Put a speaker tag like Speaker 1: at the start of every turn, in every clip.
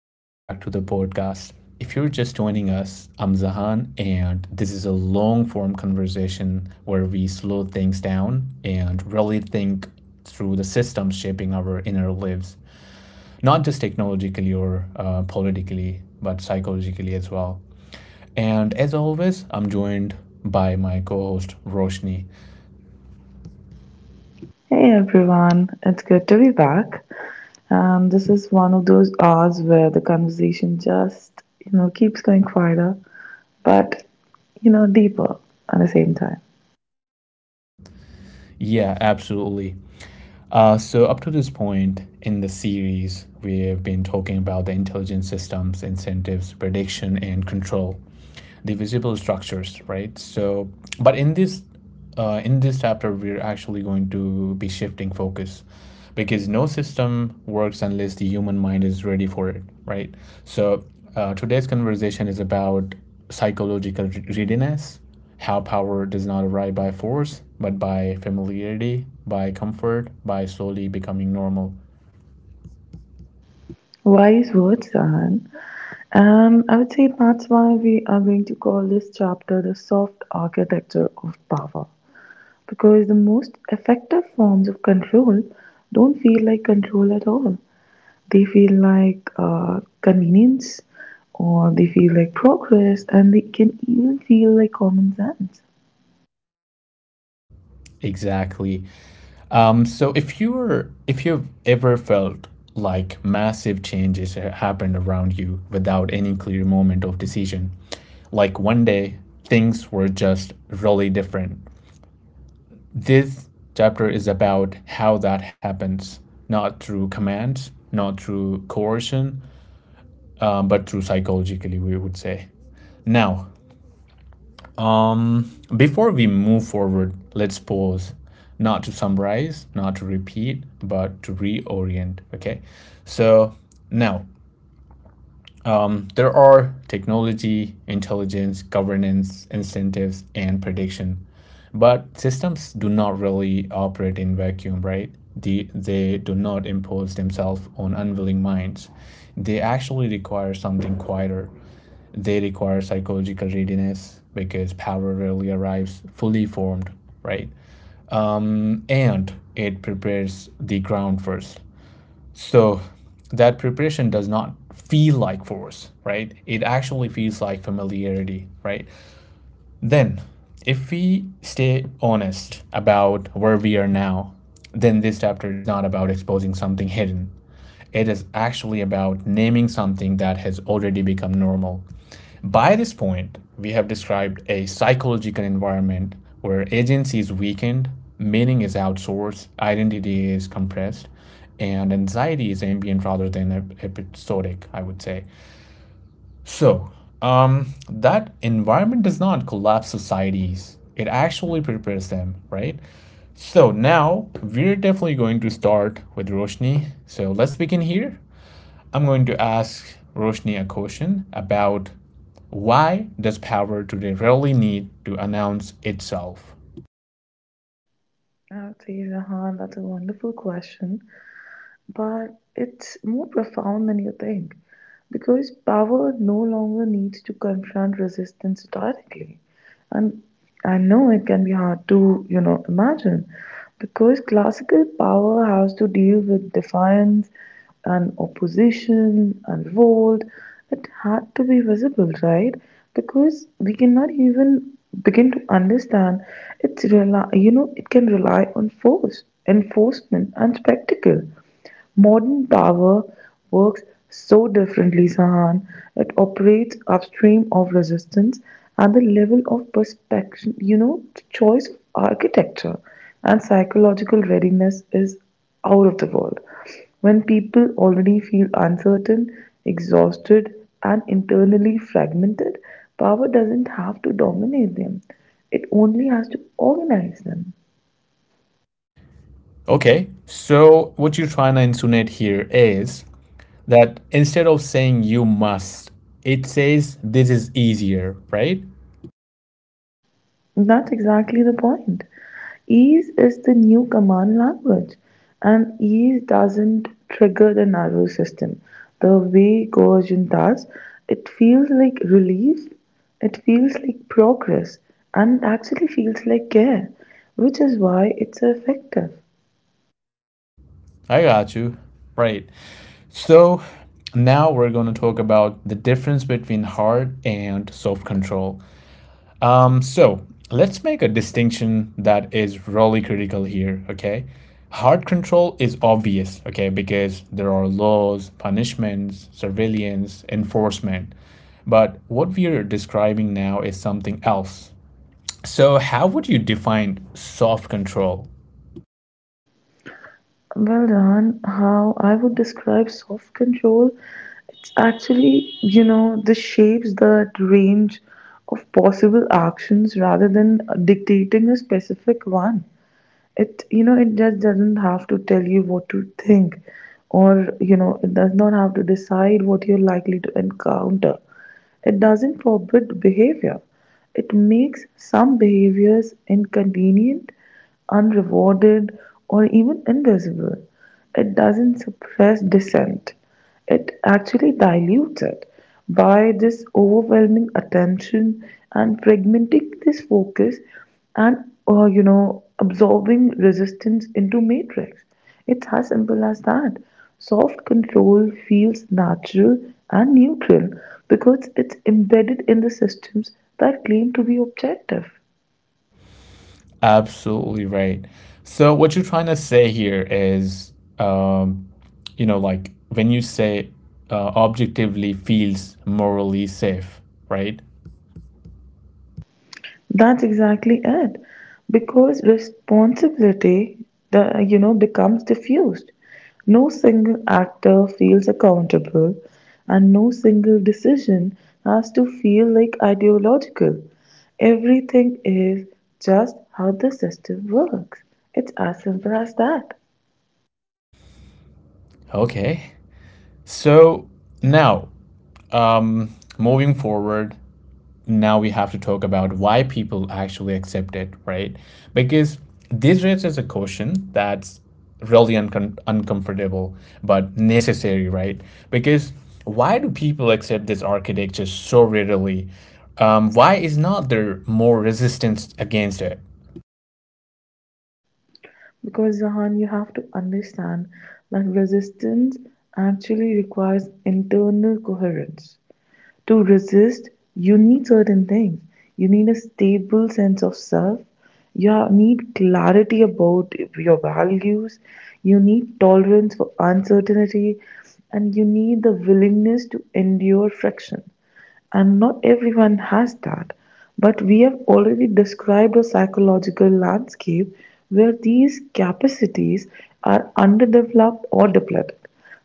Speaker 1: welcome back to the podcast. If you're just joining us, I'm Zahan, and this is a long form conversation where we slow things down and really think through the systems shaping our inner lives, not just technologically or politically, but psychologically as well. And as always, I'm joined by my co host, Roshni.
Speaker 2: Hey everyone, it's good to be back. And this is one of those hours where the conversation just, you know, keeps going quieter, but, you know, deeper at the same time.
Speaker 1: Yeah, absolutely. Up to this point in the series, we have been talking about the intelligent systems, incentives, prediction, and control, the visible structures, right? But in this chapter, we're actually going to be shifting focus because no system works unless the human mind is ready for it, right? So, Today's conversation is about psychological readiness, how power does not arrive by force, but by familiarity, by comfort, by slowly becoming normal.
Speaker 2: Wise words, Sahan. I would say that's why we are going to call this chapter the soft architecture of power. Because the most effective forms of control don't feel like control at all. They feel like convenience, or they feel like progress, and they can even feel like common sense.
Speaker 1: Exactly. So if you've ever felt like massive changes happened around you without any clear moment of decision, like one day things were just really different. This chapter is about how that happens, not through commands, not through coercion, but through psychologically, we would say. Now, Um, before we move forward, let's pause, not to summarize, not to repeat, but to reorient. Okay. So now there are technology, intelligence, governance, incentives, and prediction. But systems do not really operate in vacuum, right? They do not impose themselves on unwilling minds. They actually require something quieter, they require psychological readiness because power rarely arrives fully formed, right? And it prepares the ground first. So that preparation does not feel like force, right? It actually feels like familiarity, right? Then, if we stay honest about where we are now, then this chapter is not about exposing something hidden. It is actually about naming something that has already become normal. By this point, we have described a psychological environment where agency is weakened, meaning is outsourced, identity is compressed, and anxiety is ambient rather than episodic, I would say. So, that environment does not collapse societies. It actually prepares them, right? So now we're definitely going to start with Roshni. So let's begin here. I'm going to ask Roshni a question about, why does power today really need to announce itself?
Speaker 2: I would say, Zahan, that's a wonderful question, but it's more profound than you think, because power no longer needs to confront resistance directly. And I know it can be hard to, you know, imagine, because classical power has to deal with defiance and opposition and revolt. It had to be visible, right? Because we cannot even begin to understand, it's rely, you know, it can rely on force, enforcement, and spectacle. Modern power works so differently, Sahan. It operates upstream of resistance, and the level of perspective, you know, the choice of architecture and psychological readiness is out of the world. When people already feel uncertain, exhausted, and internally fragmented, power doesn't have to dominate them, it only has to organize them.
Speaker 1: Okay, so what you're trying to insinuate here is that instead of saying you must, it says this is easier, right?
Speaker 2: That's exactly the point. Ease is the new command language, and ease doesn't trigger the nervous system the way coercion does. It feels like relief, it feels like progress, and it actually feels like care, which is why it's effective.
Speaker 1: I got you. Right. So now we're going to talk about the difference between hard and soft control. Um, so let's make a distinction that is really critical here, okay? Hard control is obvious, okay, because there are laws, punishments, surveillance, enforcement. But what we are describing now is something else. So, how would you define soft control?
Speaker 2: Well done. How I would describe soft control, it's actually, you know, the shapes that range of possible actions rather than dictating a specific one. It, you know, it just doesn't have to tell you what to think, or, you know, it does not have to decide what you're likely to encounter. It doesn't forbid behavior, it makes some behaviors inconvenient, unrewarded, or even invisible. It doesn't suppress dissent, it actually dilutes it by this overwhelming attention and fragmenting this focus, and you know, absorbing resistance into matrix. It's as simple as that. Soft control feels natural and neutral because it's embedded in the systems that claim to be objective.
Speaker 1: Absolutely right. So what you're trying to say here is, you know, like when you say objectively feels morally safe, right?
Speaker 2: That's exactly it. Because responsibility, the, you know, becomes diffused. No single actor feels accountable, and no single decision has to feel like ideological. Everything is just how the system works. It's as simple as that.
Speaker 1: Okay. So now, um, moving forward, now we have to talk about why people actually accept it, right? Because this raises a question that's really uncomfortable but necessary, right? Because why do people accept this architecture so readily? Why is not there more resistance against it?
Speaker 2: Because, Zahan, you have to understand that resistance actually requires internal coherence. To resist, you need certain things. You need a stable sense of self. You need clarity about your values. You need tolerance for uncertainty. And you need the willingness to endure friction, and not everyone has that. But we have already described a psychological landscape where these capacities are underdeveloped or depleted.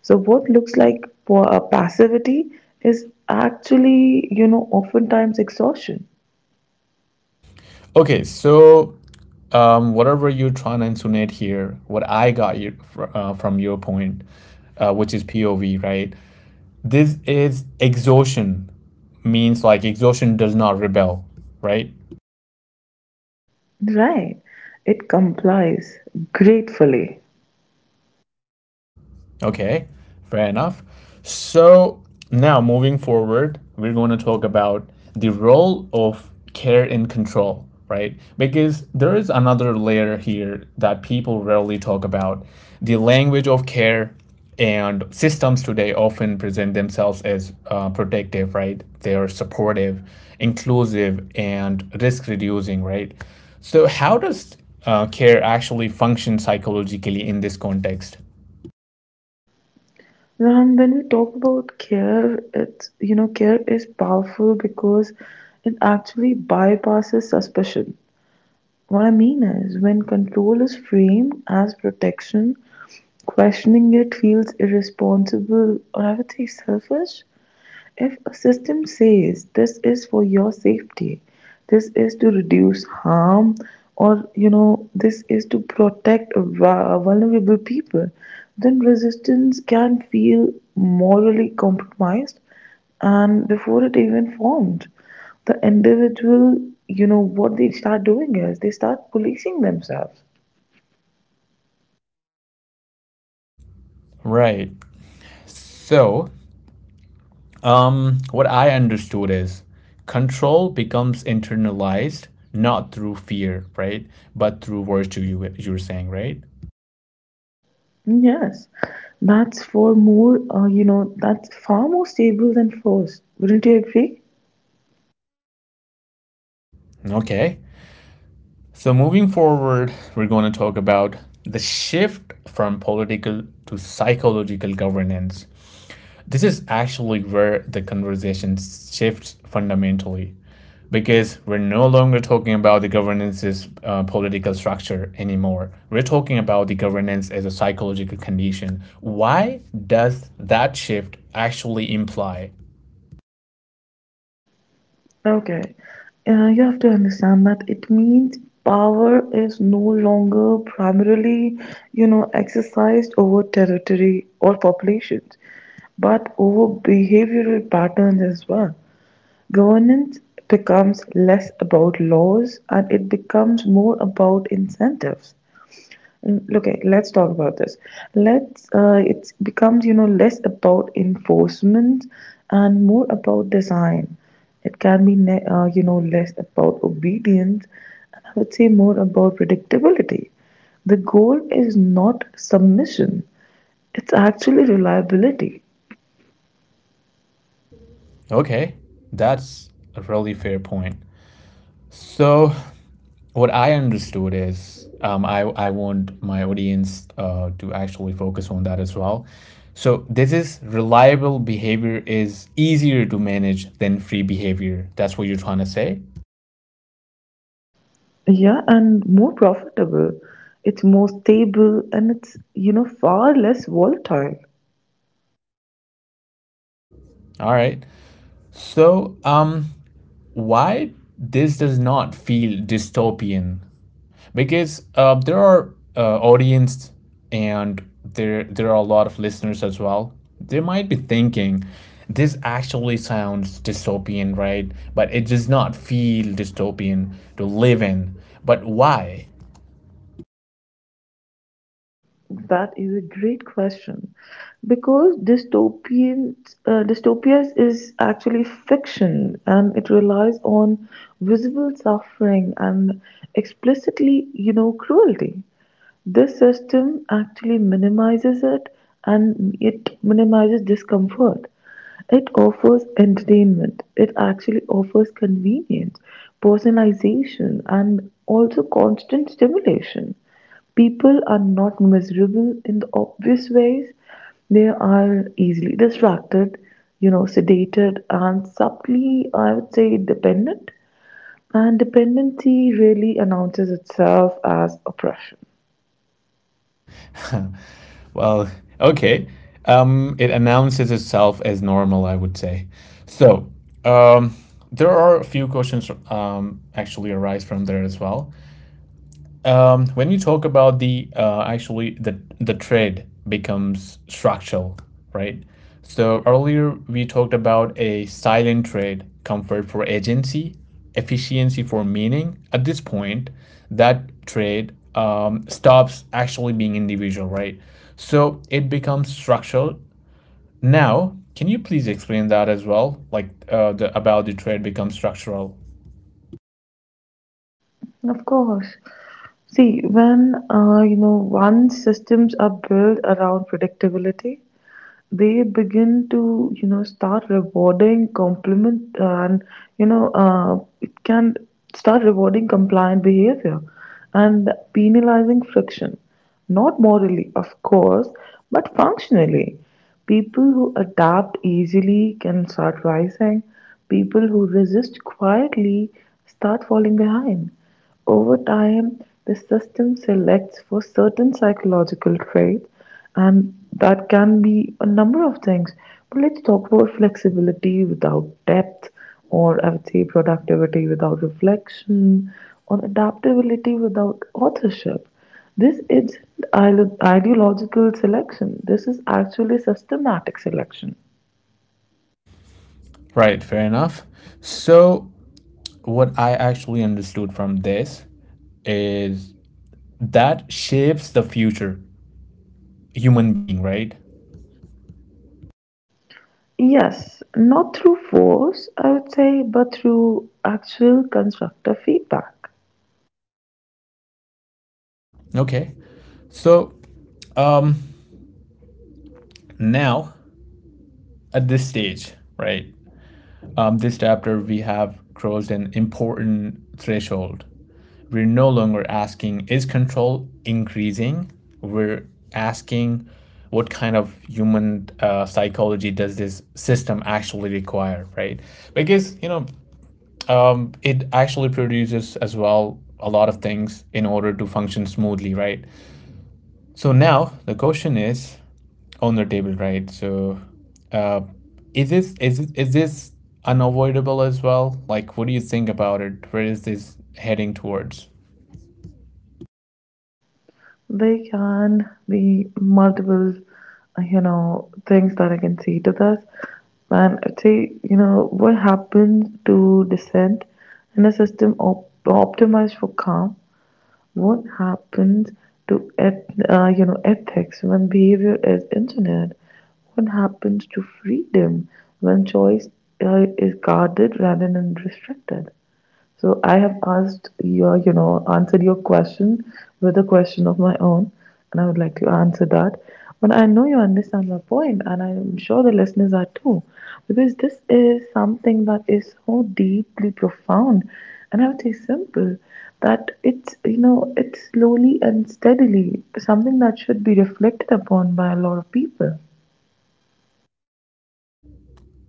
Speaker 2: So what looks like passivity is actually, you know, oftentimes exhaustion.
Speaker 1: Okay, so whatever you're trying to insinuate here, what I got you from your point, which is POV, right? This is exhaustion means like exhaustion does not rebel, right?
Speaker 2: Right. It complies gratefully.
Speaker 1: Okay, fair enough. So now moving forward, we're going to talk about the role of care and control, right? Because there is another layer here that people rarely talk about. The language of care and systems today often present themselves as protective, right? They are supportive, inclusive, and risk reducing, right? So, how does care actually function psychologically in this context?
Speaker 2: And when we talk about care, it's, you know, care is powerful because it actually bypasses suspicion. What I mean is, when control is framed as protection, questioning it feels irresponsible, or I would say selfish. If a system says this is for your safety, this is to reduce harm, or, you know, this is to protect vulnerable people, then resistance can feel morally compromised, and before it even formed the individual, you know, what they start doing is they start policing themselves.
Speaker 1: Right. So, what I understood is control becomes internalized not through fear, right? But through virtue, you were saying, right?
Speaker 2: Yes, that's for more, you know, that's far more stable than force. Wouldn't you agree?
Speaker 1: Okay. So, moving forward, we're going to talk about the shift from political to psychological governance. This is actually where the conversation shifts fundamentally because we're no longer talking about the governance's political structure anymore. We're talking about the governance as a psychological condition. Why does that shift actually imply?
Speaker 2: Okay. You have to understand that it means power is no longer primarily, you know, exercised over territory or populations, but over behavioral patterns as well. Governance becomes less about laws and it becomes more about incentives. Okay, let's talk about this. Let's it becomes, you know, less about enforcement and more about design. It can be you know, less about obedience, and I would say more about predictability. The goal is not submission; it's actually reliability.
Speaker 1: Okay, that's a really fair point. So, what I understood is, I want my audience to actually focus on that as well. So this is reliable behavior is easier to manage than free behavior. That's what you're trying to say.
Speaker 2: Yeah, and more profitable. It's more stable and it's, you know, far less volatile.
Speaker 1: All right. So, why this does not feel dystopian? Because there are audience and there are a lot of listeners as well. They might be thinking, this actually sounds dystopian, right? But it does not feel dystopian to live in. But why?
Speaker 2: That is a great question, because dystopias is actually fiction, and it relies on visible suffering and explicitly, you know, cruelty. This system actually minimizes it, and it minimizes discomfort. It offers entertainment. It actually offers convenience, personalization, and also constant stimulation. People are not miserable in the obvious ways. They are easily distracted, you know, sedated, and subtly, I would say, dependent. And dependency really announces itself as oppression.
Speaker 1: Well, okay. It announces itself as normal, I would say. So, um, there are a few questions actually arise from there as well. When you talk about the actually the trade becomes structural, right? So earlier we talked about a silent trade, comfort for agency, efficiency for meaning. At this point, that trade stops actually being individual, right? So it becomes structural. Now, can you please explain that as well? Like the about the trade becomes structural.
Speaker 2: Of course. See, when you know, once systems are built around predictability, they begin to, you know, start rewarding complement and, you know, it can start rewarding compliant behavior and penalizing friction. Not morally, of course, but functionally. People who adapt easily can start rising. People who resist quietly start falling behind. Over time, the system selects for certain psychological traits, and that can be a number of things. But let's talk about flexibility without depth, or I would say productivity without reflection, or adaptability without authorship. This is ideological selection, this is actually systematic selection.
Speaker 1: Right, fair enough. So what I actually understood from this is that shapes the future human being, right?
Speaker 2: Yes, not through force, I would say, but through actual constructive feedback.
Speaker 1: Okay. So um, now at this stage, right? This chapter we have crossed an important threshold. We're no longer asking is control increasing. We're asking what kind of human psychology does this system actually require, right? Because you know it actually produces as well a lot of things in order to function smoothly, right? So now the question is on the table, right? So uh, is this is this unavoidable as well? Like, what do you think about it? Where is this heading towards?
Speaker 2: There can be multiple, you know, things that I can see to this. And I'd say, you know, what happens to dissent in a system optimized for calm? What happens to, you know, ethics when behavior is engineered? What happens to freedom when choice is guarded rather than restricted? So I have asked your, you know, answered your question with a question of my own, and I would like to answer that. But I know you understand my point, and I'm sure the listeners are too, because this is something that is so deeply profound, and I would say simple, that it's, you know, it's slowly and steadily something that should be reflected upon by a lot of people.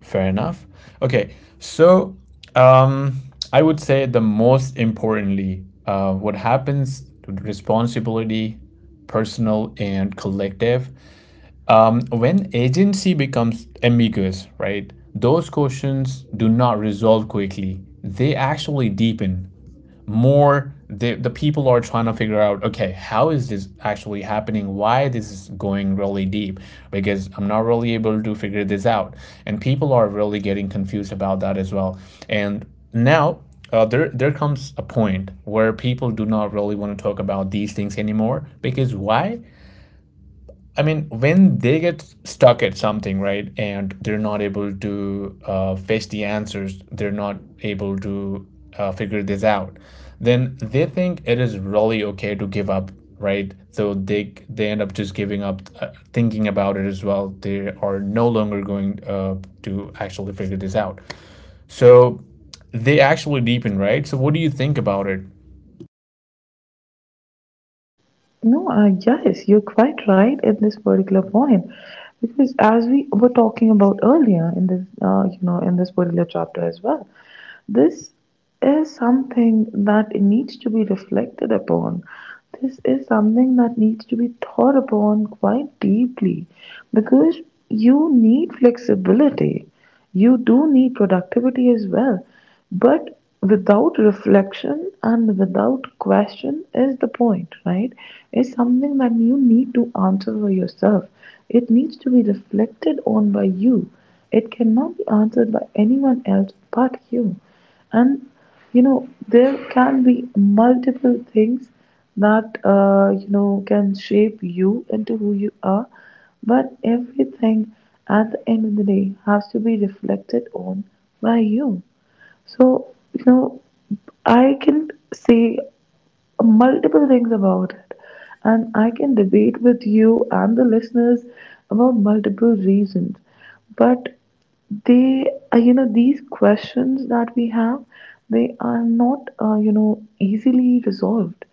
Speaker 1: Fair enough. Okay, so um, I would say the most importantly, what happens to responsibility, personal and collective, when agency becomes ambiguous, right? Those questions do not resolve quickly; they actually deepen more the people are trying to figure out okay how is this actually happening, why this is going really deep, because I'm not really able to figure this out, and people are really getting confused about that as well. And now there there comes a point where people do not really want to talk about these things anymore because why, I mean, when they get stuck at something, right, and they're not able to fetch the answers, they're not able to figure this out, then they think it is really okay to give up, right? So they end up just giving up, thinking about it as well. They are no longer going to actually figure this out. So they actually deepen, right? So what do you think about it?
Speaker 2: No, yes, you're quite right at this particular point, because as we were talking about earlier in this, you know, in this particular chapter as well, this is something that needs to be reflected upon. This is something that needs to be thought upon quite deeply, because you need flexibility. You do need productivity as well. But without reflection and without question is the point, right? It's something that you need to answer for yourself. It needs to be reflected on by you. It cannot be answered by anyone else but you. And you know, there can be multiple things that you know, can shape you into who you are, but everything at the end of the day has to be reflected on by you. So, you know, I can say multiple things about it. And I can debate with you and the listeners about multiple reasons. But they, you know, these questions that we have, they are not, you know, easily resolved.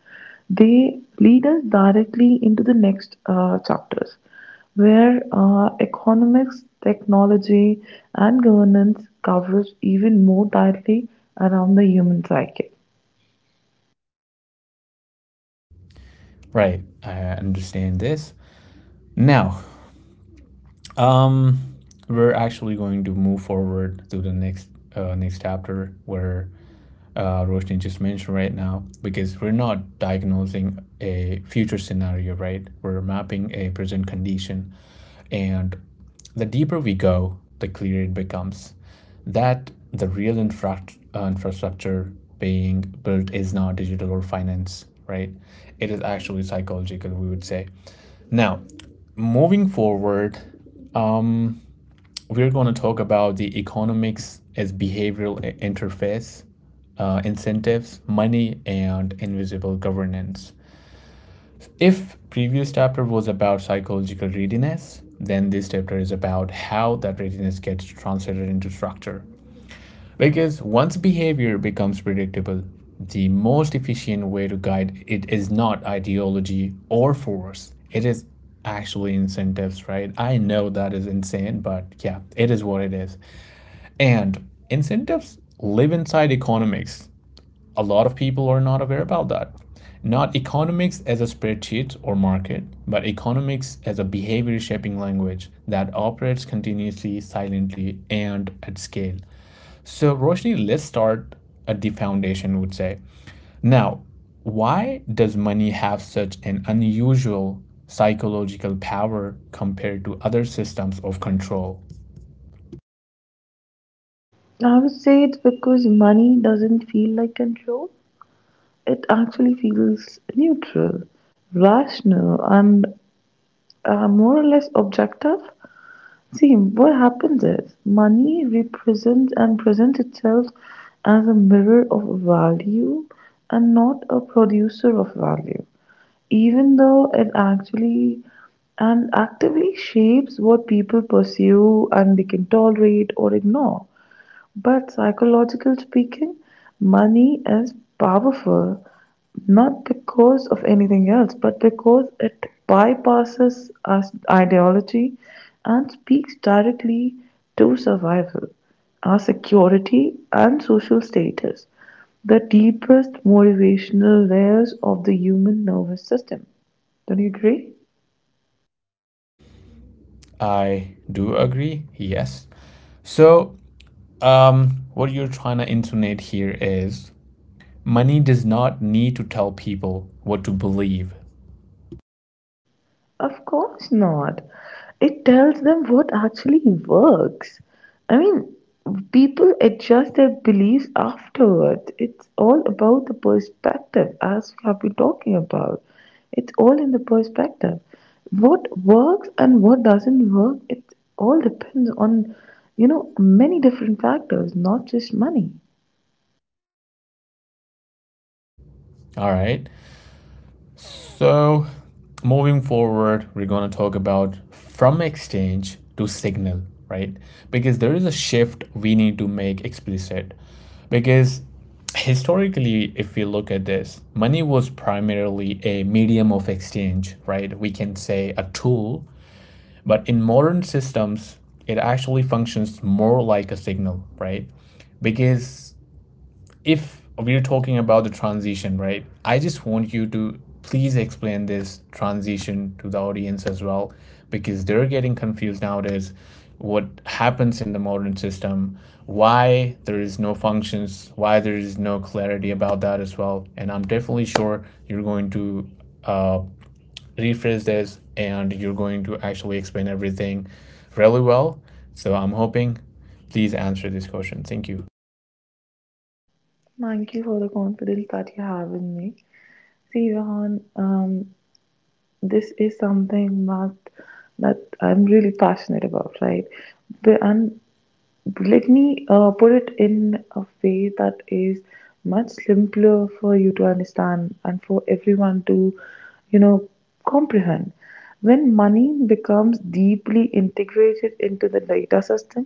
Speaker 2: They lead us directly into the next chapters where economics, technology, and governance covers even more tightly around the human psyche.
Speaker 1: Right, I understand this. Now, Um, we're actually going to move forward to the next chapter where Roshni just mentioned right now, because we're not diagnosing a future scenario, right? We're mapping a present condition, and the deeper we go, the clearer it becomes that the real infrastructure being built is not digital or finance, right? It is actually psychological, we would say. Now, moving forward, um, we're going to talk about the economics as behavioral interface, incentives, money, and invisible governance. If previous chapter was about psychological readiness, then this chapter is about how that readiness gets translated into structure. Because once behavior becomes predictable, the most efficient way to guide it is not ideology or force. It is actually incentives, right? I know that is insane, but yeah, it is what it is. And incentives live inside economics. A lot of people are not aware about that. Not economics as a spreadsheet or market, but economics as a behavior shaping language that operates continuously, silently, and at scale. So, Roshni, let's start at the foundation, would say. Now, why does money have such an unusual psychological power compared to other systems of control?
Speaker 2: I would say it's because money doesn't feel like control. It actually feels neutral, rational, and more or less objective. See, what happens is money represents and presents itself as a mirror of value and not a producer of value, even though it actually and actively shapes what people pursue and they can tolerate or ignore. But psychological speaking, money is powerful not because of anything else, but because it bypasses us ideology and speaks directly to survival, our security, and social status, the deepest motivational layers of the human nervous system. Don't you agree?
Speaker 1: I do agree, yes. So, um, what you're trying to intonate here is money does not need to tell people what to believe.
Speaker 2: Of course not. It tells them what actually works. I mean, people adjust their beliefs afterwards. It's all about the perspective, as we have been talking about. It's all in the perspective. What works and what doesn't work, it all depends on, you know, many different factors, not just money.
Speaker 1: All right. So, moving forward, we're going to talk about from exchange to signal, right? Because there is a shift we need to make explicit. Because historically, if we look at this, money was primarily a medium of exchange, right? We can say a tool. But in modern systems, it actually functions more like a signal, right? Because if we're talking about the transition, right? I just want you to please explain this transition to the audience as well, because they're getting confused nowadays. What happens in the modern system, why there is no functions, why there is no clarity about that as well. And I'm definitely sure you're going to uh, rephrase this and you're going to actually explain everything really well. So I'm hoping please answer this question. Thank you.
Speaker 2: Thank you for the confidence that you have in me. See, Vahan, this is something that I'm really passionate about, right? And let me put it in a way that is much simpler for you to understand and for everyone to, you know, comprehend. When money becomes deeply integrated into the data system,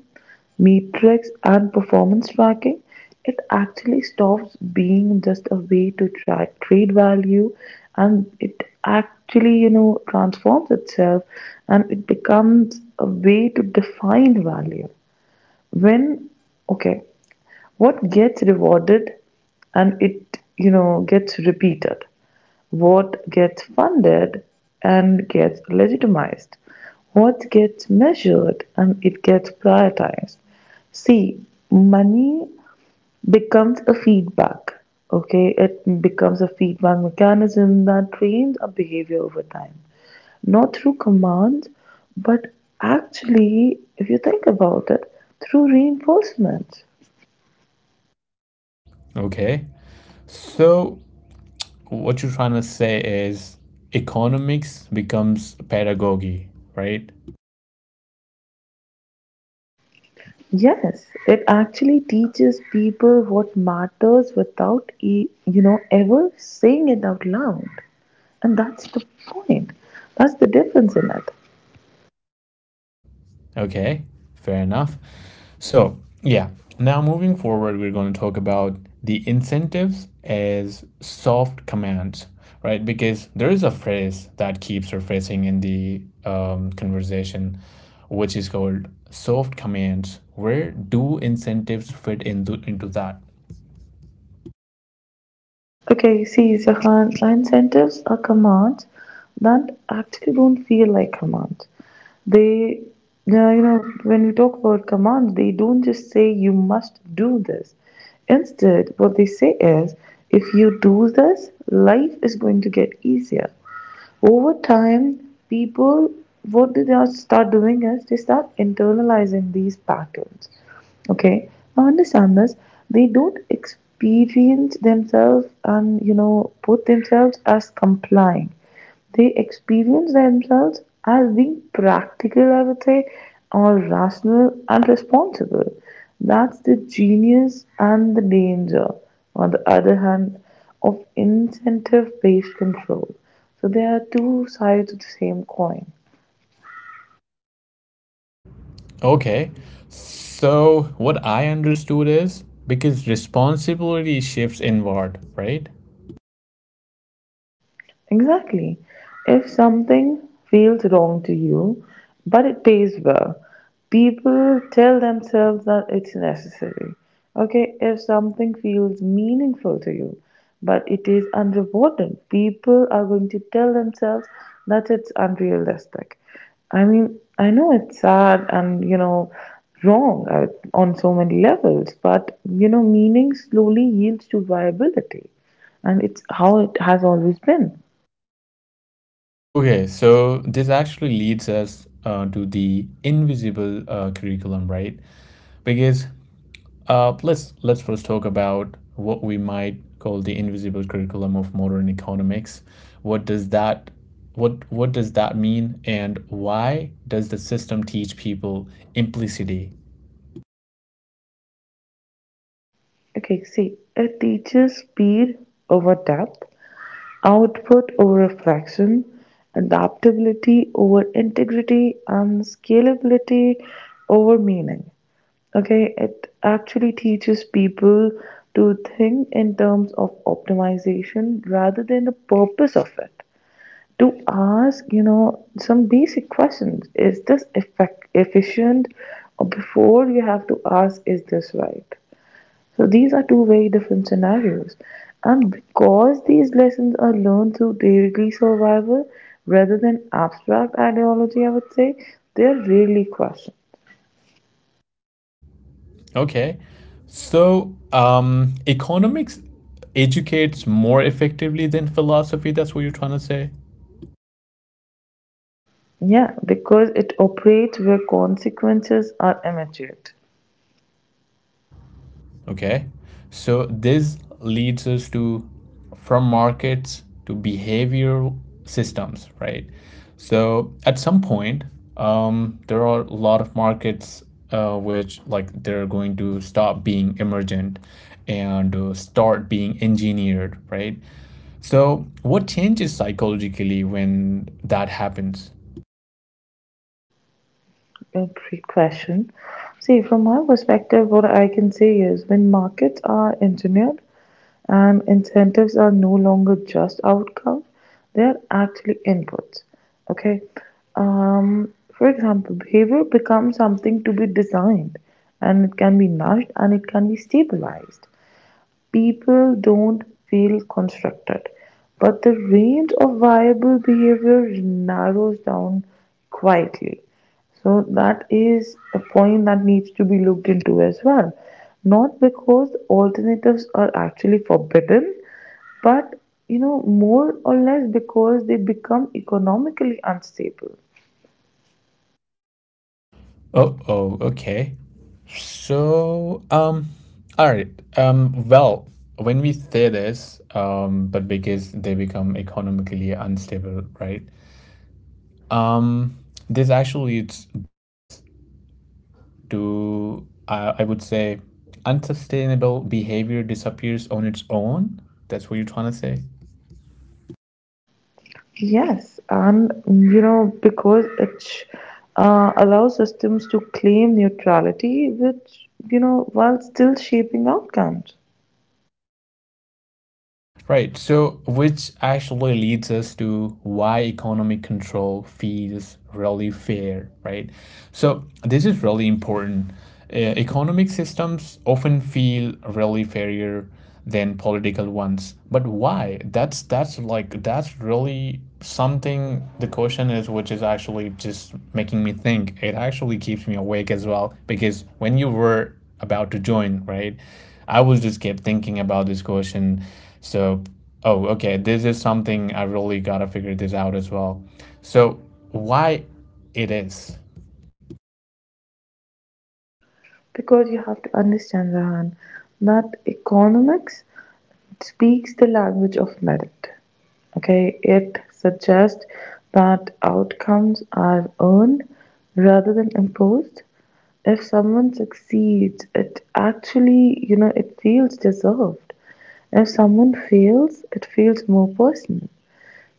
Speaker 2: metrics, and performance tracking, it actually stops being just a way to trade value, and it actually, you know, transforms itself and it becomes a way to define value. When, okay, what gets rewarded and it, you know, gets repeated, what gets funded and gets legitimized, what gets measured and it gets prioritized. See, money becomes a feedback, okay, it becomes a feedback mechanism that trains our behavior over time, not through commands, but actually, if you think about it, through reinforcement.
Speaker 1: Okay. So what you're trying to say is economics becomes pedagogy, right?
Speaker 2: Yes, it actually teaches people what matters without, you know, ever saying it out loud. And that's the point. That's the difference in it.
Speaker 1: Okay, fair enough. So, yeah, now moving forward, we're going to talk about the incentives as soft commands, right? Because there is a phrase that keeps surfacing in the conversation, which is called soft commands. Where do incentives fit into that?
Speaker 2: Okay, you see, Zahan, incentives are commands that actually don't feel like commands. They, yeah, you know, when we talk about commands, they don't just say you must do this. Instead, what they say is if you do this, life is going to get easier. Over time, people, what do they start doing is they start internalizing these patterns. Okay, now understand this. They don't experience themselves and you know put themselves as complying. They experience themselves as being practical, I would say, or rational and responsible. That's the genius and the danger, on the other hand, of incentive based control. So there are two sides of the same coin.
Speaker 1: Okay, so what I understood is because responsibility shifts inward, right?
Speaker 2: Exactly. If something feels wrong to you, but it pays well, people tell themselves that it's necessary. Okay, if something feels meaningful to you, but it is unrewarded, people are going to tell themselves that it's unrealistic. I mean, I know it's sad and, you know, wrong on so many levels, but, you know, meaning slowly yields to viability. And it's how it has always been.
Speaker 1: Okay, so this actually leads us to the invisible curriculum, right? Because let's first talk about what we might call the invisible curriculum of modern economics. What does that what does that mean, and why does the system teach people implicity?
Speaker 2: Okay, see, it teaches speed over depth, output over reflection, adaptability over integrity, and scalability over meaning. Okay, it actually teaches people to think in terms of optimization rather than the purpose of it. To ask, you know, some basic questions, is this effect efficient? Or before you have to ask, is this right? So these are two very different scenarios. And because these lessons are learned through daily survival rather than abstract ideology, I would say, they're really questioned.
Speaker 1: Okay, so economics educates more effectively than philosophy. That's what you're trying to say.
Speaker 2: Yeah, because it operates where consequences are immediate.
Speaker 1: Okay. So this leads us to from markets to behavioral systems, right? So at some point, there are a lot of markets which like they're going to stop being emergent and start being engineered, right? So what changes psychologically when that happens?
Speaker 2: A question. See, from my perspective, what I can say is when markets are engineered, and incentives are no longer just outcomes, they are actually inputs. Okay. For example, behavior becomes something to be designed, and it can be nourished and it can be stabilized. People don't feel constructed, but the range of viable behavior narrows down quietly. So that is a point that needs to be looked into as well. Not because alternatives are actually forbidden, but you know, more or less because they become economically unstable.
Speaker 1: Oh, okay. So, all right. Um, well, when we say this, but because they become economically unstable, right? Um, this actually leads this to, I would say, unsustainable behavior disappears on its own. That's what you're trying to say?
Speaker 2: Yes, and you know, because it allows systems to claim neutrality, which you know, while still shaping outcomes.
Speaker 1: Right. So, which actually leads us to why economic control feels really fair, right? So, this is really important. Economic systems often feel really fairer than political ones. But why? That's like that's really something the question is which is actually just making me think. It actually keeps me awake as well because when you were about to join, right? I was just kept thinking about this question so, oh, okay, this is something I really gotta figure this out as well. So, why it is?
Speaker 2: Because you have to understand, Rahan, that economics speaks the language of merit. Okay, it suggests that outcomes are earned rather than imposed. If someone succeeds, it actually, you know, it feels deserved. If someone fails, it feels more personal.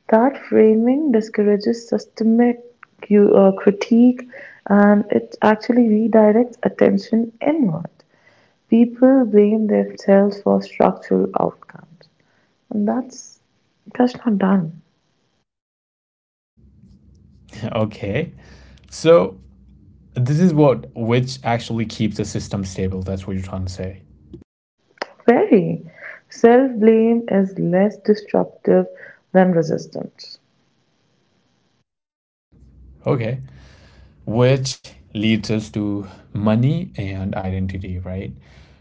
Speaker 2: That framing discourages systemic critique, and it actually redirects attention inward. People blame themselves for structural outcomes, and that's not done.
Speaker 1: Okay. So, this is what which actually keeps the system stable. That's what you're trying to say.
Speaker 2: Very self blame is less disruptive than resistance.
Speaker 1: Okay. Which leads us to money and identity, right?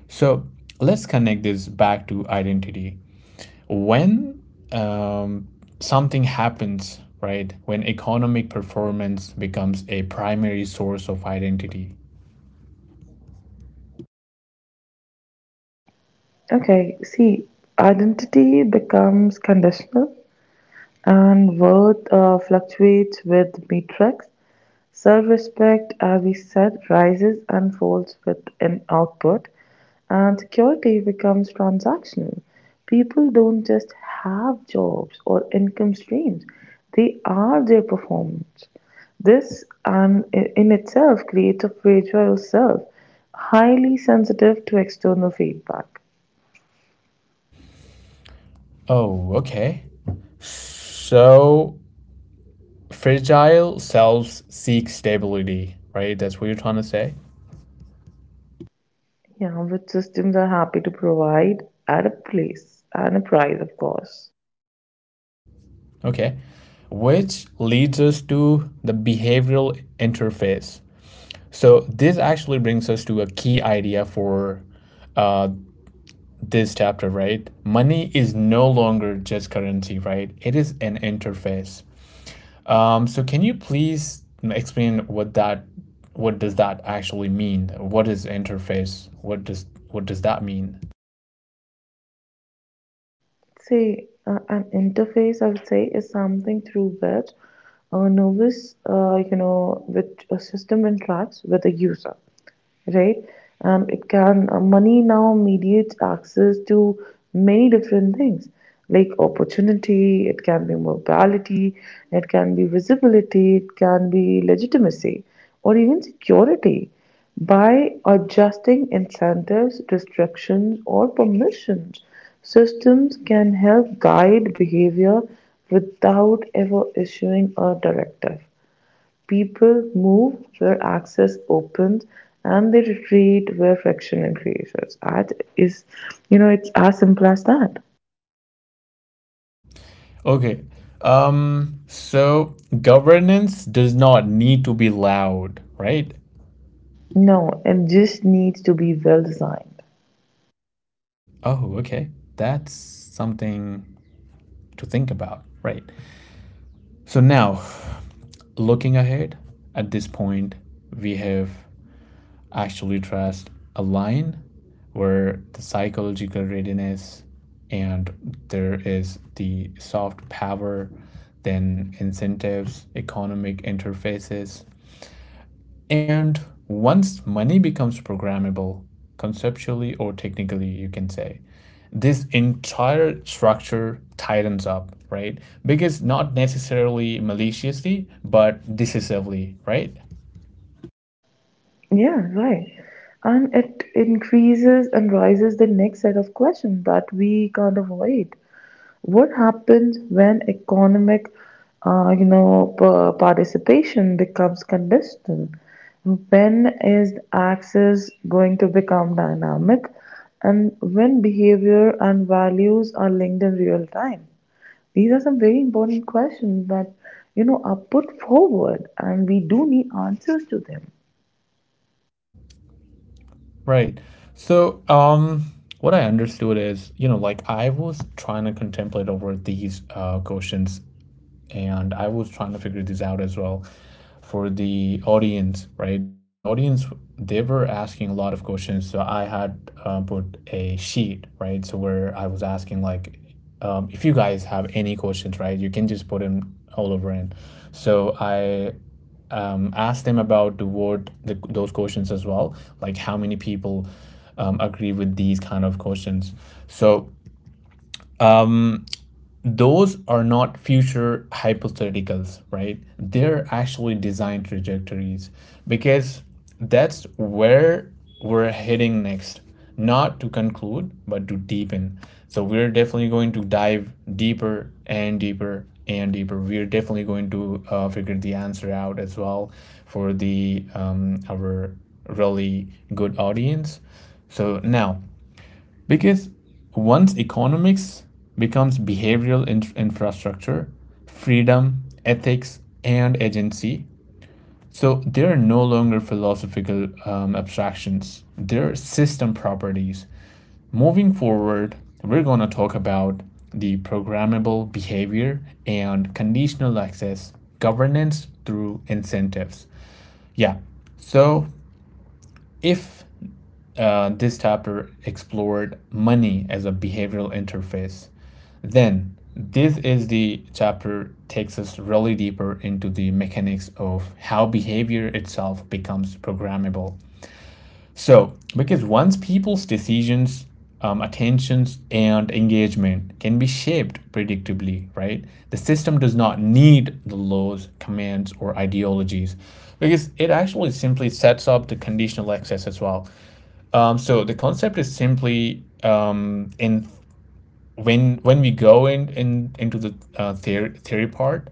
Speaker 1: So, let's connect this back to identity. When um, something happens, right? When economic performance becomes a primary source of identity.
Speaker 2: Okay, see, identity becomes conditional and worth fluctuates with metrics. Self respect, as we said, rises and falls with an output, and security becomes transactional. People don't just have jobs or income streams, they are their performance. This and in itself creates a fragile self, highly sensitive to external feedback.
Speaker 1: Oh, okay. So fragile selves seek stability, right? That's what you're trying to say.
Speaker 2: Yeah, which systems are happy to provide at a place and a price, of course.
Speaker 1: Okay, which leads us to the behavioral interface. So this actually brings us to a key idea for uh, this chapter, right? Money is no longer just currency, right? It is an interface. So can you please explain what that what does that actually mean? What is interface? What does that mean?
Speaker 2: See, an interface, I would say, is something through which a novice, you know, which a system interacts with a user, right? It can money now mediates access to many different things, like opportunity, it can be mobility, it can be visibility, it can be legitimacy, or even security, by adjusting incentives, restrictions, or permissions. Systems can help guide behavior without ever issuing a directive. People move where access opens and they retreat where friction increases. Art is, you know, it's as simple as that.
Speaker 1: Okay. So governance does not need to be loud, right?
Speaker 2: No, it just needs to be well designed.
Speaker 1: Oh, okay. That's something to think about, right? So now, looking ahead at this point, we have actually trust align where the psychological readiness and there is the soft power, then incentives, economic interfaces, and once money becomes programmable conceptually or technically you can say this entire structure tightens up, right? Because not necessarily maliciously but decisively, right?
Speaker 2: Yeah, right. And it increases and rises the next set of questions that we can't avoid. What happens when economic you know participation becomes conditional, when is access going to become dynamic, and when behavior and values are linked in real time? These are some very important questions that you know are put forward and we do need answers to them.
Speaker 1: Right. So, what I understood is, you know, like I was trying to contemplate over these questions, and I was trying to figure this out as well for the audience, right? Because audience, they were asking a lot of questions, so I had put a sheet, right? So where I was asking like, if you guys have any questions, right, you can just put them all over in. So I asked them about the word the, those questions as well, like how many people agree with these kind of questions. So those are not future hypotheticals, right? They're actually design trajectories because that's where we're heading next, not to conclude, but to deepen. So we're definitely going to dive deeper and deeper and deeper. We're definitely going to figure the answer out as well for the our really good audience. So now because once economics becomes behavioral infrastructure, freedom, ethics, and agency, so they're no longer philosophical abstractions, they're system properties. Moving forward, we're going to talk about the programmable behavior and conditional access governance through incentives. Yeah, so if this chapter explored money as a behavioral interface. Then, this is the chapter takes us really deeper into the mechanics of how behavior itself becomes programmable. So, because once people's decisions, attentions, and engagement can be shaped predictably, right? The system does not need the laws, commands, or ideologies because it actually simply sets up the conditional access as well. So the concept is simply in when we go in into the theory part,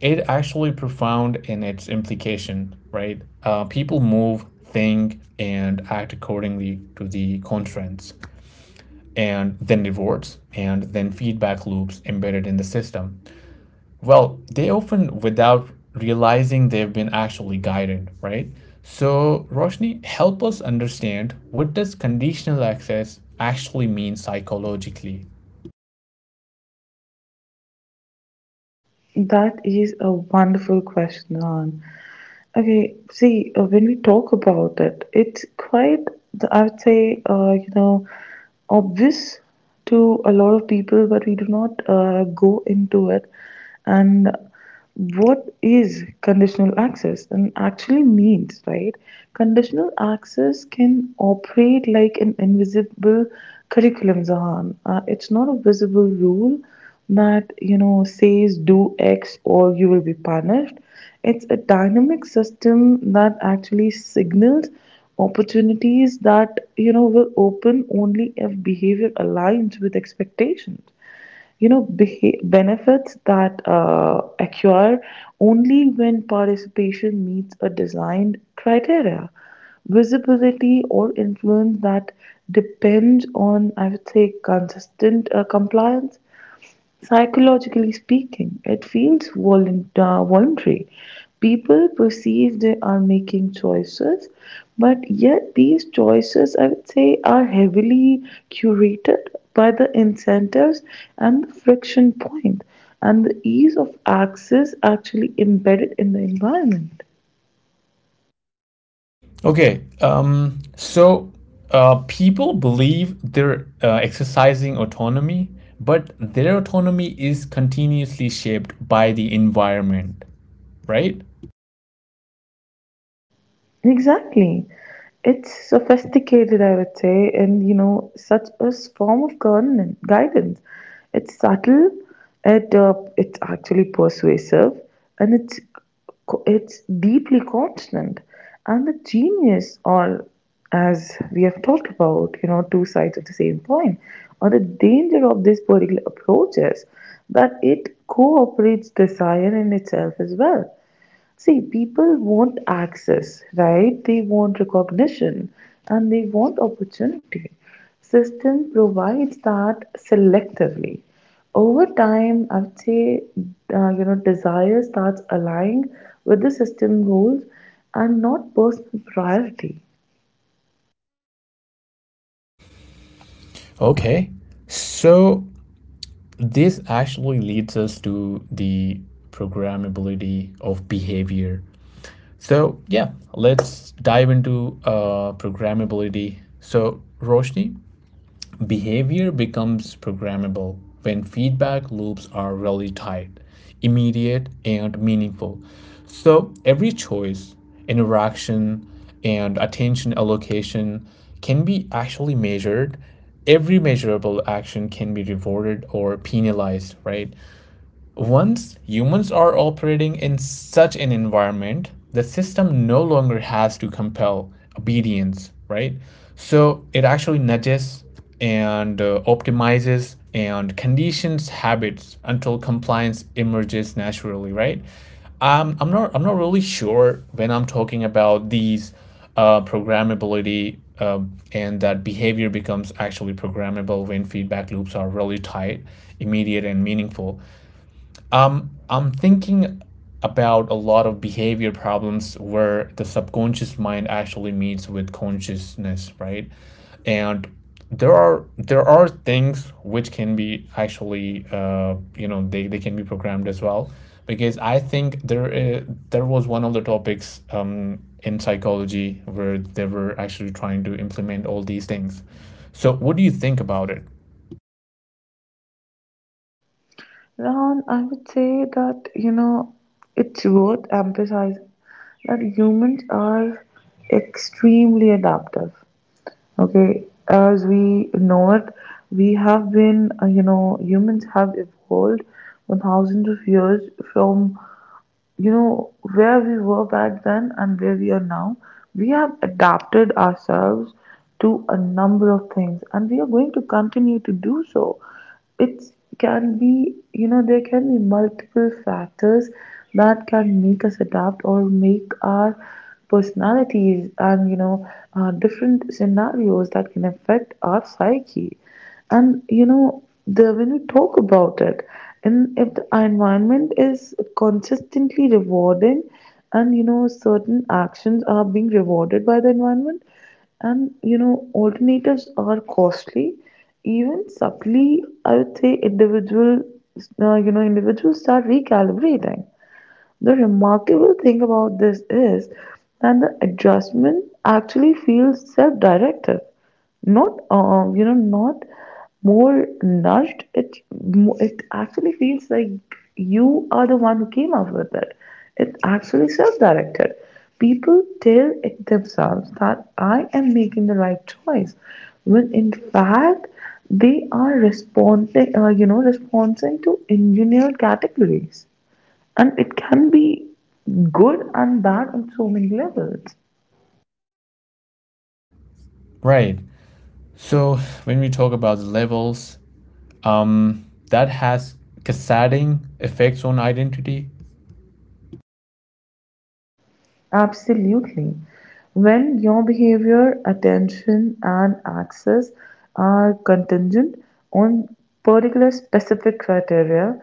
Speaker 1: it actually profound in its implication, right? People move, think, and act accordingly to the constraints, and then rewards, and then feedback loops embedded in the system. Well, they often, without realizing they've been actually guided, right? So, Roshni, help us understand, what does conditional access actually mean psychologically?
Speaker 2: That is a wonderful question, Ron. Okay, see, when we talk about it, it's quite, I would say, you know, obvious to a lot of people, but we do not go into it. And what is conditional access and actually means, right? Conditional access can operate like an invisible curriculum, Zahan. It's not a visible rule that, you know, says do X or you will be punished. It's a dynamic system that actually signals opportunities that you know will open only if behavior aligns with expectations. You know, benefits that occur only when participation meets a designed criteria, visibility or influence that depends on, I would say, consistent compliance. Psychologically speaking, it feels voluntary. People perceive they are making choices, but yet these choices, I would say, are heavily curated by the incentives and the friction point, and the ease of access actually embedded in the environment.
Speaker 1: Okay, people believe they're exercising autonomy, but their autonomy is continuously shaped by the environment, right?
Speaker 2: Exactly. It's sophisticated, I would say, and you know, such a form of governance, guidance. It's subtle, it's actually persuasive, and it's deeply constant. And the genius, or as we have talked about, you know, two sides of the same coin, or the danger of this particular approach is that it cooperates desire in itself as well. See, people want access, right? They want recognition and they want opportunity. System provides that selectively. Over time, I would say, you know, desire starts aligning with the system goals and not personal priority.
Speaker 1: Okay, so this actually leads us to the programmability of behavior. So, yeah, let's dive into programmability. So, Roshni, behavior becomes programmable when feedback loops are really tight, immediate, and meaningful. So, every choice, interaction, and attention allocation can be actually measured. Every measurable action can be rewarded or penalized, right? Once humans are operating in such an environment, the system no longer has to compel obedience, right? So it actually nudges and optimizes and conditions habits until compliance emerges naturally, right? I'm not really sure when I'm talking about these programmability and that behavior becomes actually programmable when feedback loops are really tight, immediate, and meaningful. I'm thinking about a lot of behavior problems where the subconscious mind actually meets with consciousness, right? And there are things which can be actually you know, they can be programmed as well because I think there is, there was one of the topics in psychology where they were actually trying to implement all these things. So what do you think about it?
Speaker 2: Ron, I would say that, you know, it's worth emphasizing that humans are extremely adaptive. Okay, as we know it, we have been, you know, humans have evolved 1,000 of years, from you know where we were back then and where we are now. We have adapted ourselves to a number of things and we are going to continue to do so. It can be, you know, there can be multiple factors that can make us adapt, or make our personalities and you know different scenarios that can affect our psyche. And you know, the when we talk about it, and if the environment is consistently rewarding, and you know certain actions are being rewarded by the environment, and you know alternatives are costly, even subtly, I would say individual you know individuals start recalibrating. The remarkable thing about this is that the adjustment actually feels self-directed, not you know, not more nudged. It actually feels like you are the one who came up with it. It's actually self-directed. People tell it themselves that I am making the right choice, when in fact they are responding, you know, responding to engineered categories, and it can be good and bad on so many levels.
Speaker 1: Right. So when we talk about levels, that has cascading effects on identity.
Speaker 2: Absolutely. When your behavior, attention, and access are contingent on particular specific criteria,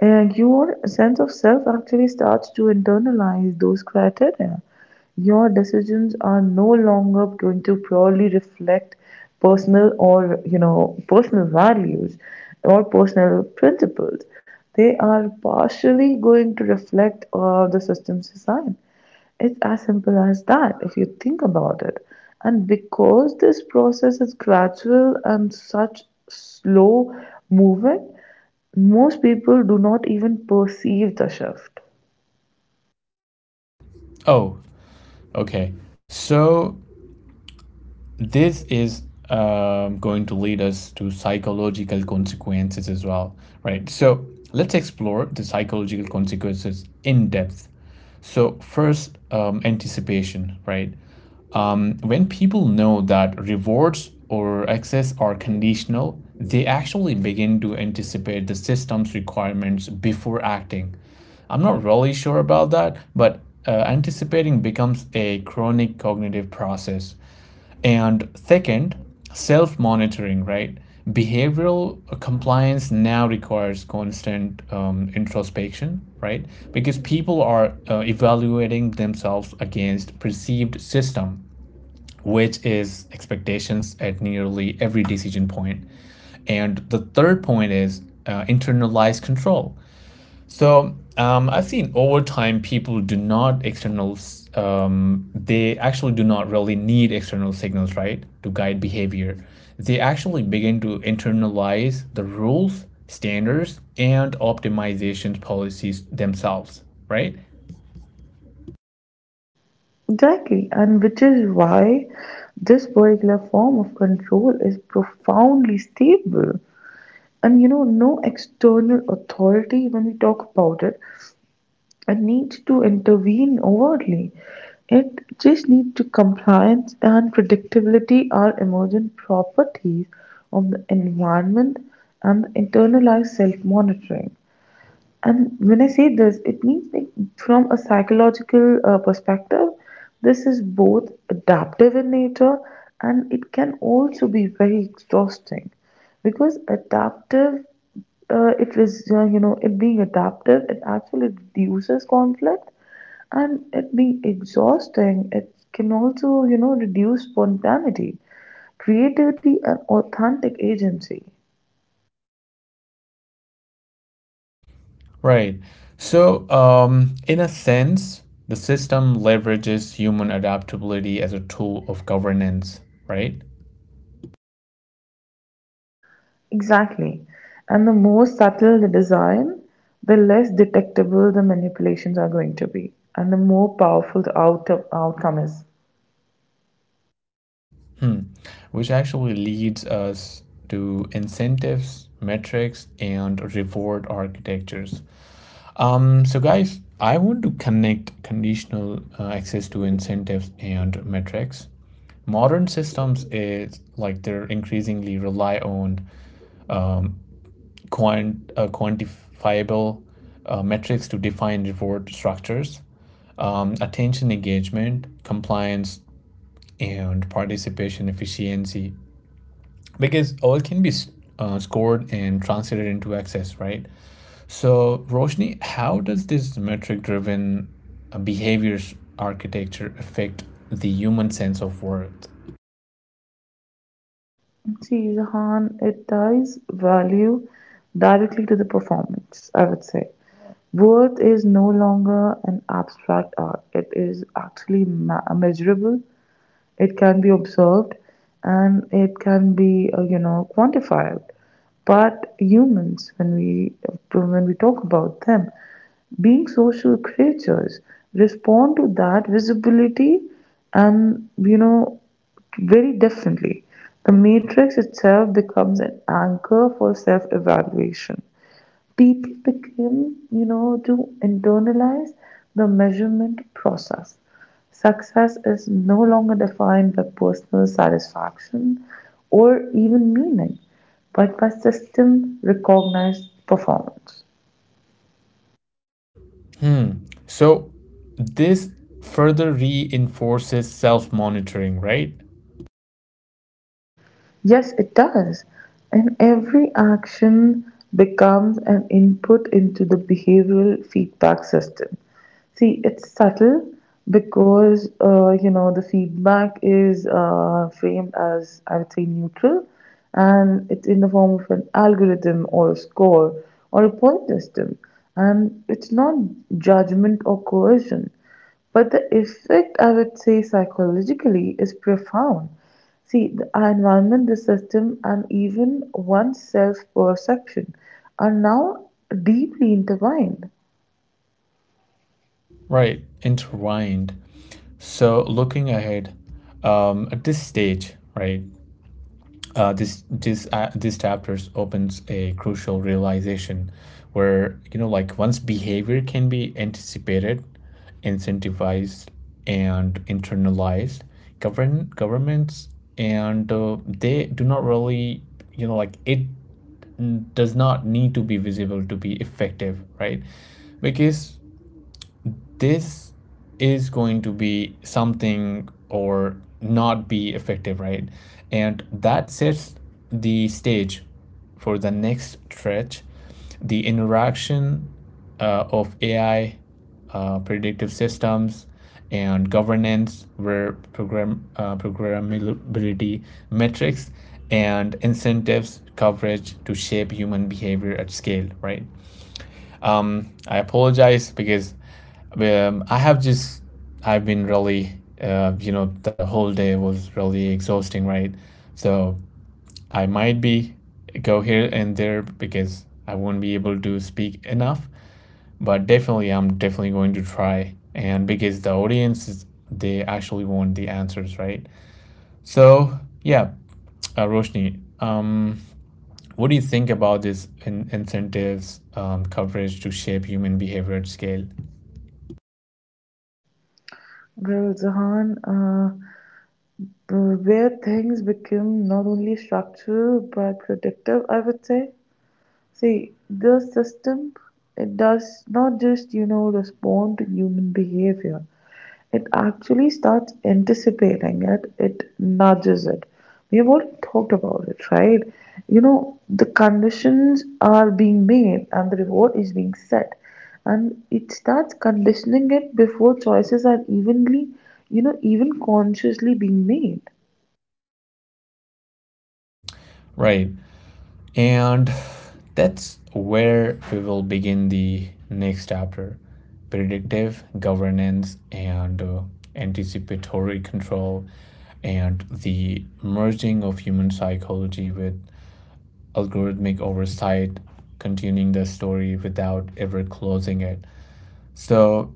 Speaker 2: your sense of self actually starts to internalize those criteria. Your decisions are no longer going to purely reflect personal, or you know personal values or personal principles. They are partially going to reflect the systems design. It's as simple as that if you think about it. And because this process is gradual and such slow moving, most people do not even perceive the shift.
Speaker 1: Oh, okay. So this is going to lead us to psychological consequences as well, right? So let's explore the psychological consequences in depth. So, first, anticipation, right? When people know that rewards or access are conditional, they actually begin to anticipate the system's requirements before acting. I'm not really sure about that, but anticipating becomes a chronic cognitive process. And second, self monitoring, right? Behavioral compliance now requires constant introspection, right? Because people are evaluating themselves against perceived system, which is expectations at nearly every decision point. And the third point is internalized control. So I've seen over time people do not externals. They actually do not really need external signals, right, to guide behavior. They actually begin to internalize the rules, standards, and optimization policies themselves, right?
Speaker 2: Exactly, and which is why this particular form of control is profoundly stable. And you know, no external authority when we talk about it, and needs to intervene overtly. It just needs to, compliance and predictability are emergent properties of the environment and the internalized self-monitoring. And when I say this, it means like from a psychological perspective, this is both adaptive in nature and it can also be very exhausting. Because adaptive, it is, you know, it being adaptive, it actually reduces conflict, and it being exhausting, it can also, you know, reduce spontaneity, creativity, and authentic agency.
Speaker 1: Right. So in a sense, the system leverages human adaptability as a tool of governance, right?
Speaker 2: Exactly. And the more subtle the design, the less detectable the manipulations are going to be, and the more powerful the outcome is.
Speaker 1: Hmm. Which actually leads us to incentives, metrics, and reward architectures. So, guys, I want to connect conditional access to incentives and metrics. Modern systems is like they're increasingly rely on quantifiable metrics to define reward structures, attention engagement, compliance, and participation efficiency because all can be scored and translated into access, right? So, Roshni, how does this metric driven behaviors architecture affect the human sense of worth?
Speaker 2: See, Jahan, it ties value directly to the performance, I would say. Worth is no longer an abstract art, it is actually measurable. It can be observed and it can be, you know, quantified. But humans, when we talk about them, being social creatures, respond to that visibility and you know very differently. The matrix itself becomes an anchor for self evaluation. People became, you know, to internalize the measurement process. Success is no longer defined by personal satisfaction or even meaning, but by system recognized performance.
Speaker 1: Hmm. So, this further reinforces self monitoring, right?
Speaker 2: Yes, it does. And every action becomes an input into the behavioral feedback system. See, it's subtle because, you know, the feedback is framed as, I would say, neutral, and it's in the form of an algorithm or a score or a point system. And it's not judgment or coercion. But the effect, I would say, psychologically is profound. See, the, our environment, the system, and even one's self perception are now deeply intertwined.
Speaker 1: Right, intertwined. So, looking ahead at this stage, right, this chapter opens a crucial realization where you know like one's behavior can be anticipated, incentivized, and internalized. Governments and they do not really, you know, like it does not need to be visible to be effective, right? Because this is going to be something or not be effective, right? And that sets the stage for the next stretch, the interaction of AI, predictive systems, and governance, where programmability, metrics, and incentives coverage to shape human behavior at scale, right? I apologize because I have just I've been really you know, the whole day was really exhausting, right? So I might be go here and there because I won't be able to speak enough, but definitely I'm definitely going to try and because the audience is, they actually want the answers, right? So yeah, Roshni, what do you think about these incentives coverage to shape human behavior at scale?
Speaker 2: Well, Zahan, where things become not only structural but predictive, I would say. See, the system, it does not just, you know, respond to human behavior. It actually starts anticipating it, it nudges it. We have already talked about it, right? You know, the conditions are being made and the reward is being set. And it starts conditioning it before choices are evenly, you know, even consciously being made.
Speaker 1: Right. And that's where we will begin the next chapter, predictive governance and anticipatory control and the merging of human psychology with algorithmic oversight, continuing the story without ever closing it. So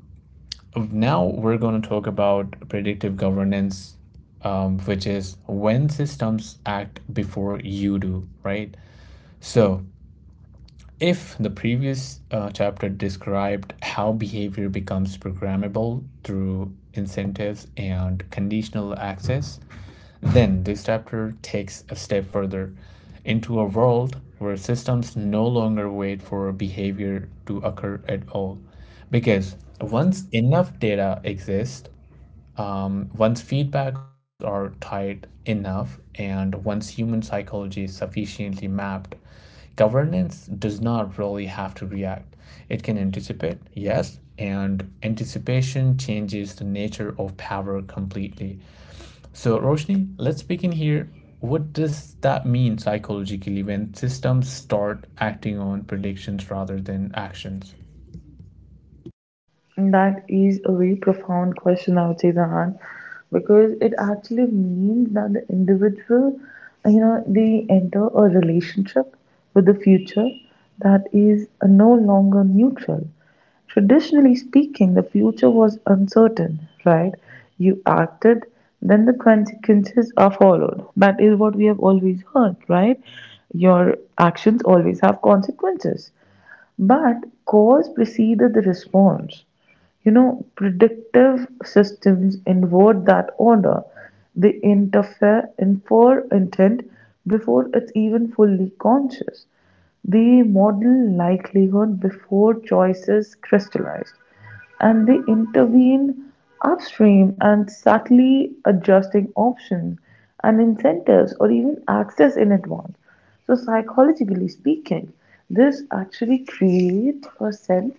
Speaker 1: now we're going to talk about predictive governance, which is when systems act before you do, right? So, if the previous chapter described how behavior becomes programmable through incentives and conditional access, then this chapter takes a step further into a world where systems no longer wait for behavior to occur at all. Because once enough data exists, once feedback loops are tight enough and once human psychology is sufficiently mapped, governance does not really have to react. It can anticipate, yes, and anticipation changes the nature of power completely. So, Roshni, let's begin here. What does that mean psychologically when systems start acting on predictions rather than actions?
Speaker 2: That is a very profound question, I would say, Zahan, because it actually means that the individual, you know, they enter a relationship with the future that is no longer neutral. Traditionally speaking, the future was uncertain, right? You acted, then the consequences are followed. That is what we have always heard, right? Your actions always have consequences. But cause preceded the response. You know, predictive systems invert that order. They interfere, infer intent before it's even fully conscious. They model likelihood before choices crystallize. And they intervene upstream and subtly adjusting options and incentives or even access in advance. So psychologically speaking, this actually creates a sense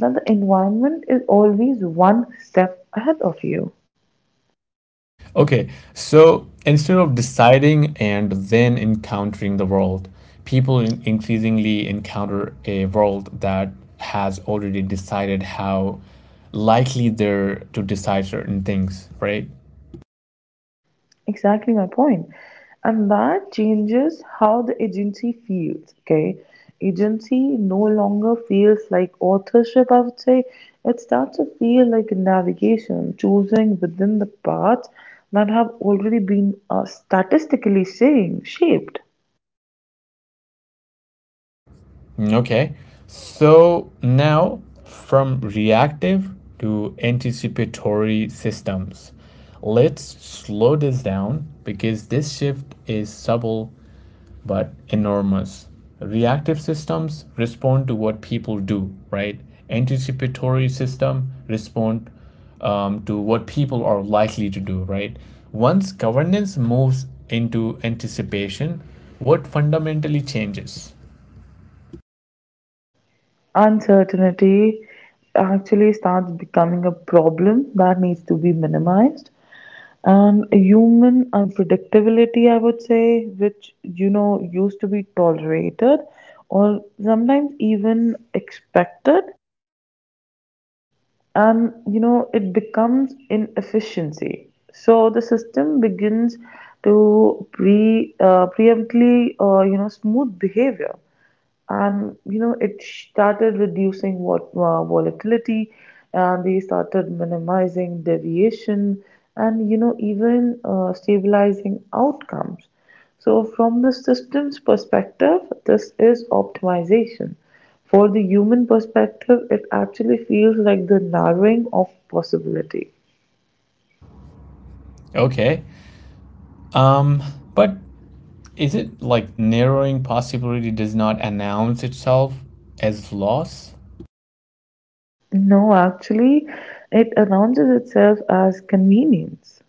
Speaker 2: that the environment is always one step ahead of you.
Speaker 1: Okay, so instead of deciding and then encountering the world, people increasingly encounter a world that has already decided how likely they're to decide certain things, right?
Speaker 2: Exactly my point. And that changes how the agency feels, okay? Agency no longer feels like authorship, I would say. It starts to feel like navigation, choosing within the paths that have already been statistically saying, shaped.
Speaker 1: Okay. So now from reactive to anticipatory systems, let's slow this down because this shift is subtle but enormous. Reactive systems respond to what people do, right? Anticipatory system respond to what people are likely to do, right? Once governance moves into anticipation, what fundamentally changes?
Speaker 2: Uncertainty actually starts becoming a problem that needs to be minimized, and human unpredictability, I would say, which you know used to be tolerated or sometimes even expected, and you know it becomes inefficiency. So the system begins to preemptly, you know, smooth behavior, and you know it started reducing what, volatility, and they started minimizing deviation, and you know even, stabilizing outcomes. So from the systems perspective this is optimization, for the human perspective it actually feels like the narrowing of possibility.
Speaker 1: Okay, Um, but is it like narrowing possibility does not announce itself as loss?
Speaker 2: No, actually it announces itself as convenience.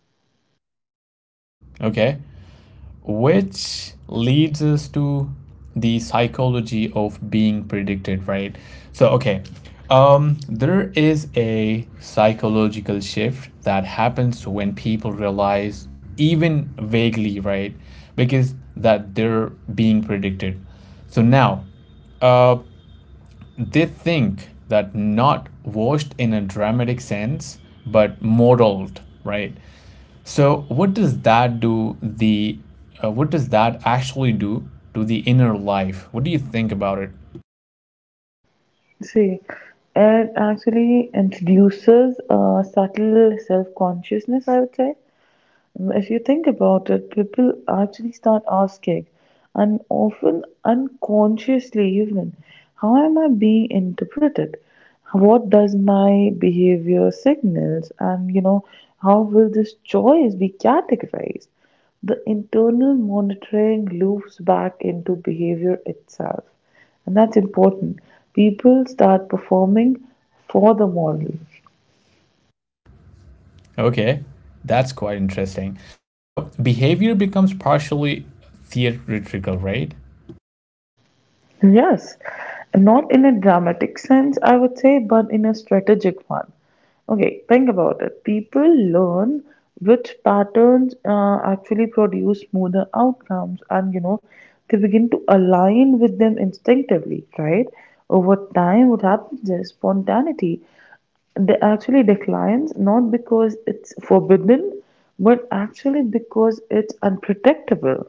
Speaker 1: Okay, which leads us to the psychology of being predicted, right? So, okay, there is a psychological shift that happens when people realize, even vaguely, right, because that they're being predicted. So now, uh, they think that not washed in a dramatic sense, but modeled, right? So what does that do the what does that actually do to the inner life? What do you think about it?
Speaker 2: See, it actually introduces a subtle self consciousness, I would say. Mm, if you think about it, people actually start asking, and often unconsciously even, how am I being interpreted? What does my behavior signals? And you know, how will this choice be categorized? The internal monitoring loops back into behavior itself, and that's important. People start performing for the model.
Speaker 1: Okay, that's quite interesting. So behavior becomes partially theatrical, right?
Speaker 2: Yes, not in a dramatic sense, I would say, but in a strategic one. Okay, think about it. People learn which patterns actually produce smoother outcomes, and you know, they begin to align with them instinctively, right? Over time, what happens is spontaneity they actually declines not because it's forbidden, but actually because it's unpredictable.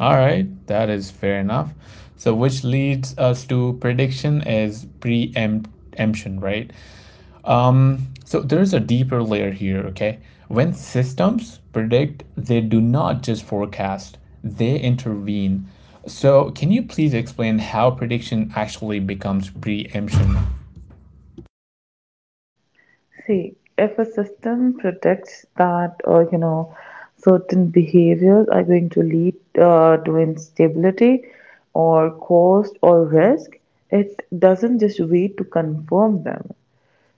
Speaker 1: All right, that is fair enough. So which leads us to prediction is preemption, right? Um, so there's a deeper layer here, okay? When systems predict, they do not just forecast, they intervene. So, can you please explain how prediction actually becomes preemption?
Speaker 2: See, if a system predicts that, you know, certain behaviors are going to lead, to instability or cost or risk, it doesn't just wait to confirm them,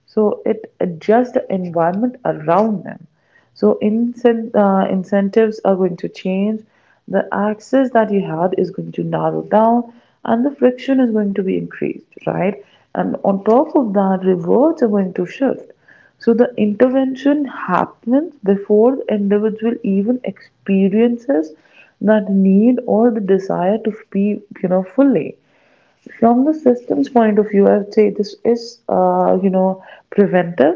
Speaker 2: so it adjusts the environment around them. So incentives are going to change, the access that you had is going to narrow down, and the friction is going to be increased, right? And on top of that rewards are going to shift. So the intervention happens before the individual even experiences that need or the desire to be, you know, fully. From the system's point of view, I would say this is, you know, preventive.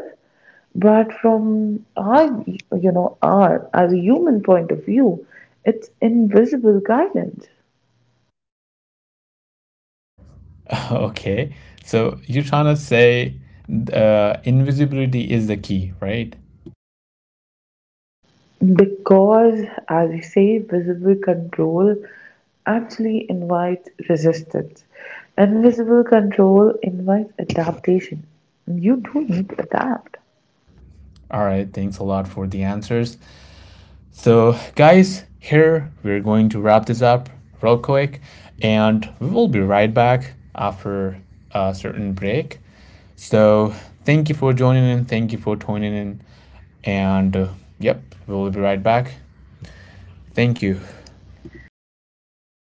Speaker 2: But from our, you know, our as a human point of view, it's invisible guidance
Speaker 1: Okay, so you're trying to say invisibility is the key, right?
Speaker 2: because, as we say, visible control actually invites resistance. Invisible control invites adaptation. You do need to adapt.
Speaker 1: All right, thanks a lot for the answers. So, guys, here we're going to wrap this up real quick, and we will be right back after a certain break. So, thank you for joining in. Thank you for tuning in. And, yep, we'll be right back. Thank you.
Speaker 2: Thank you.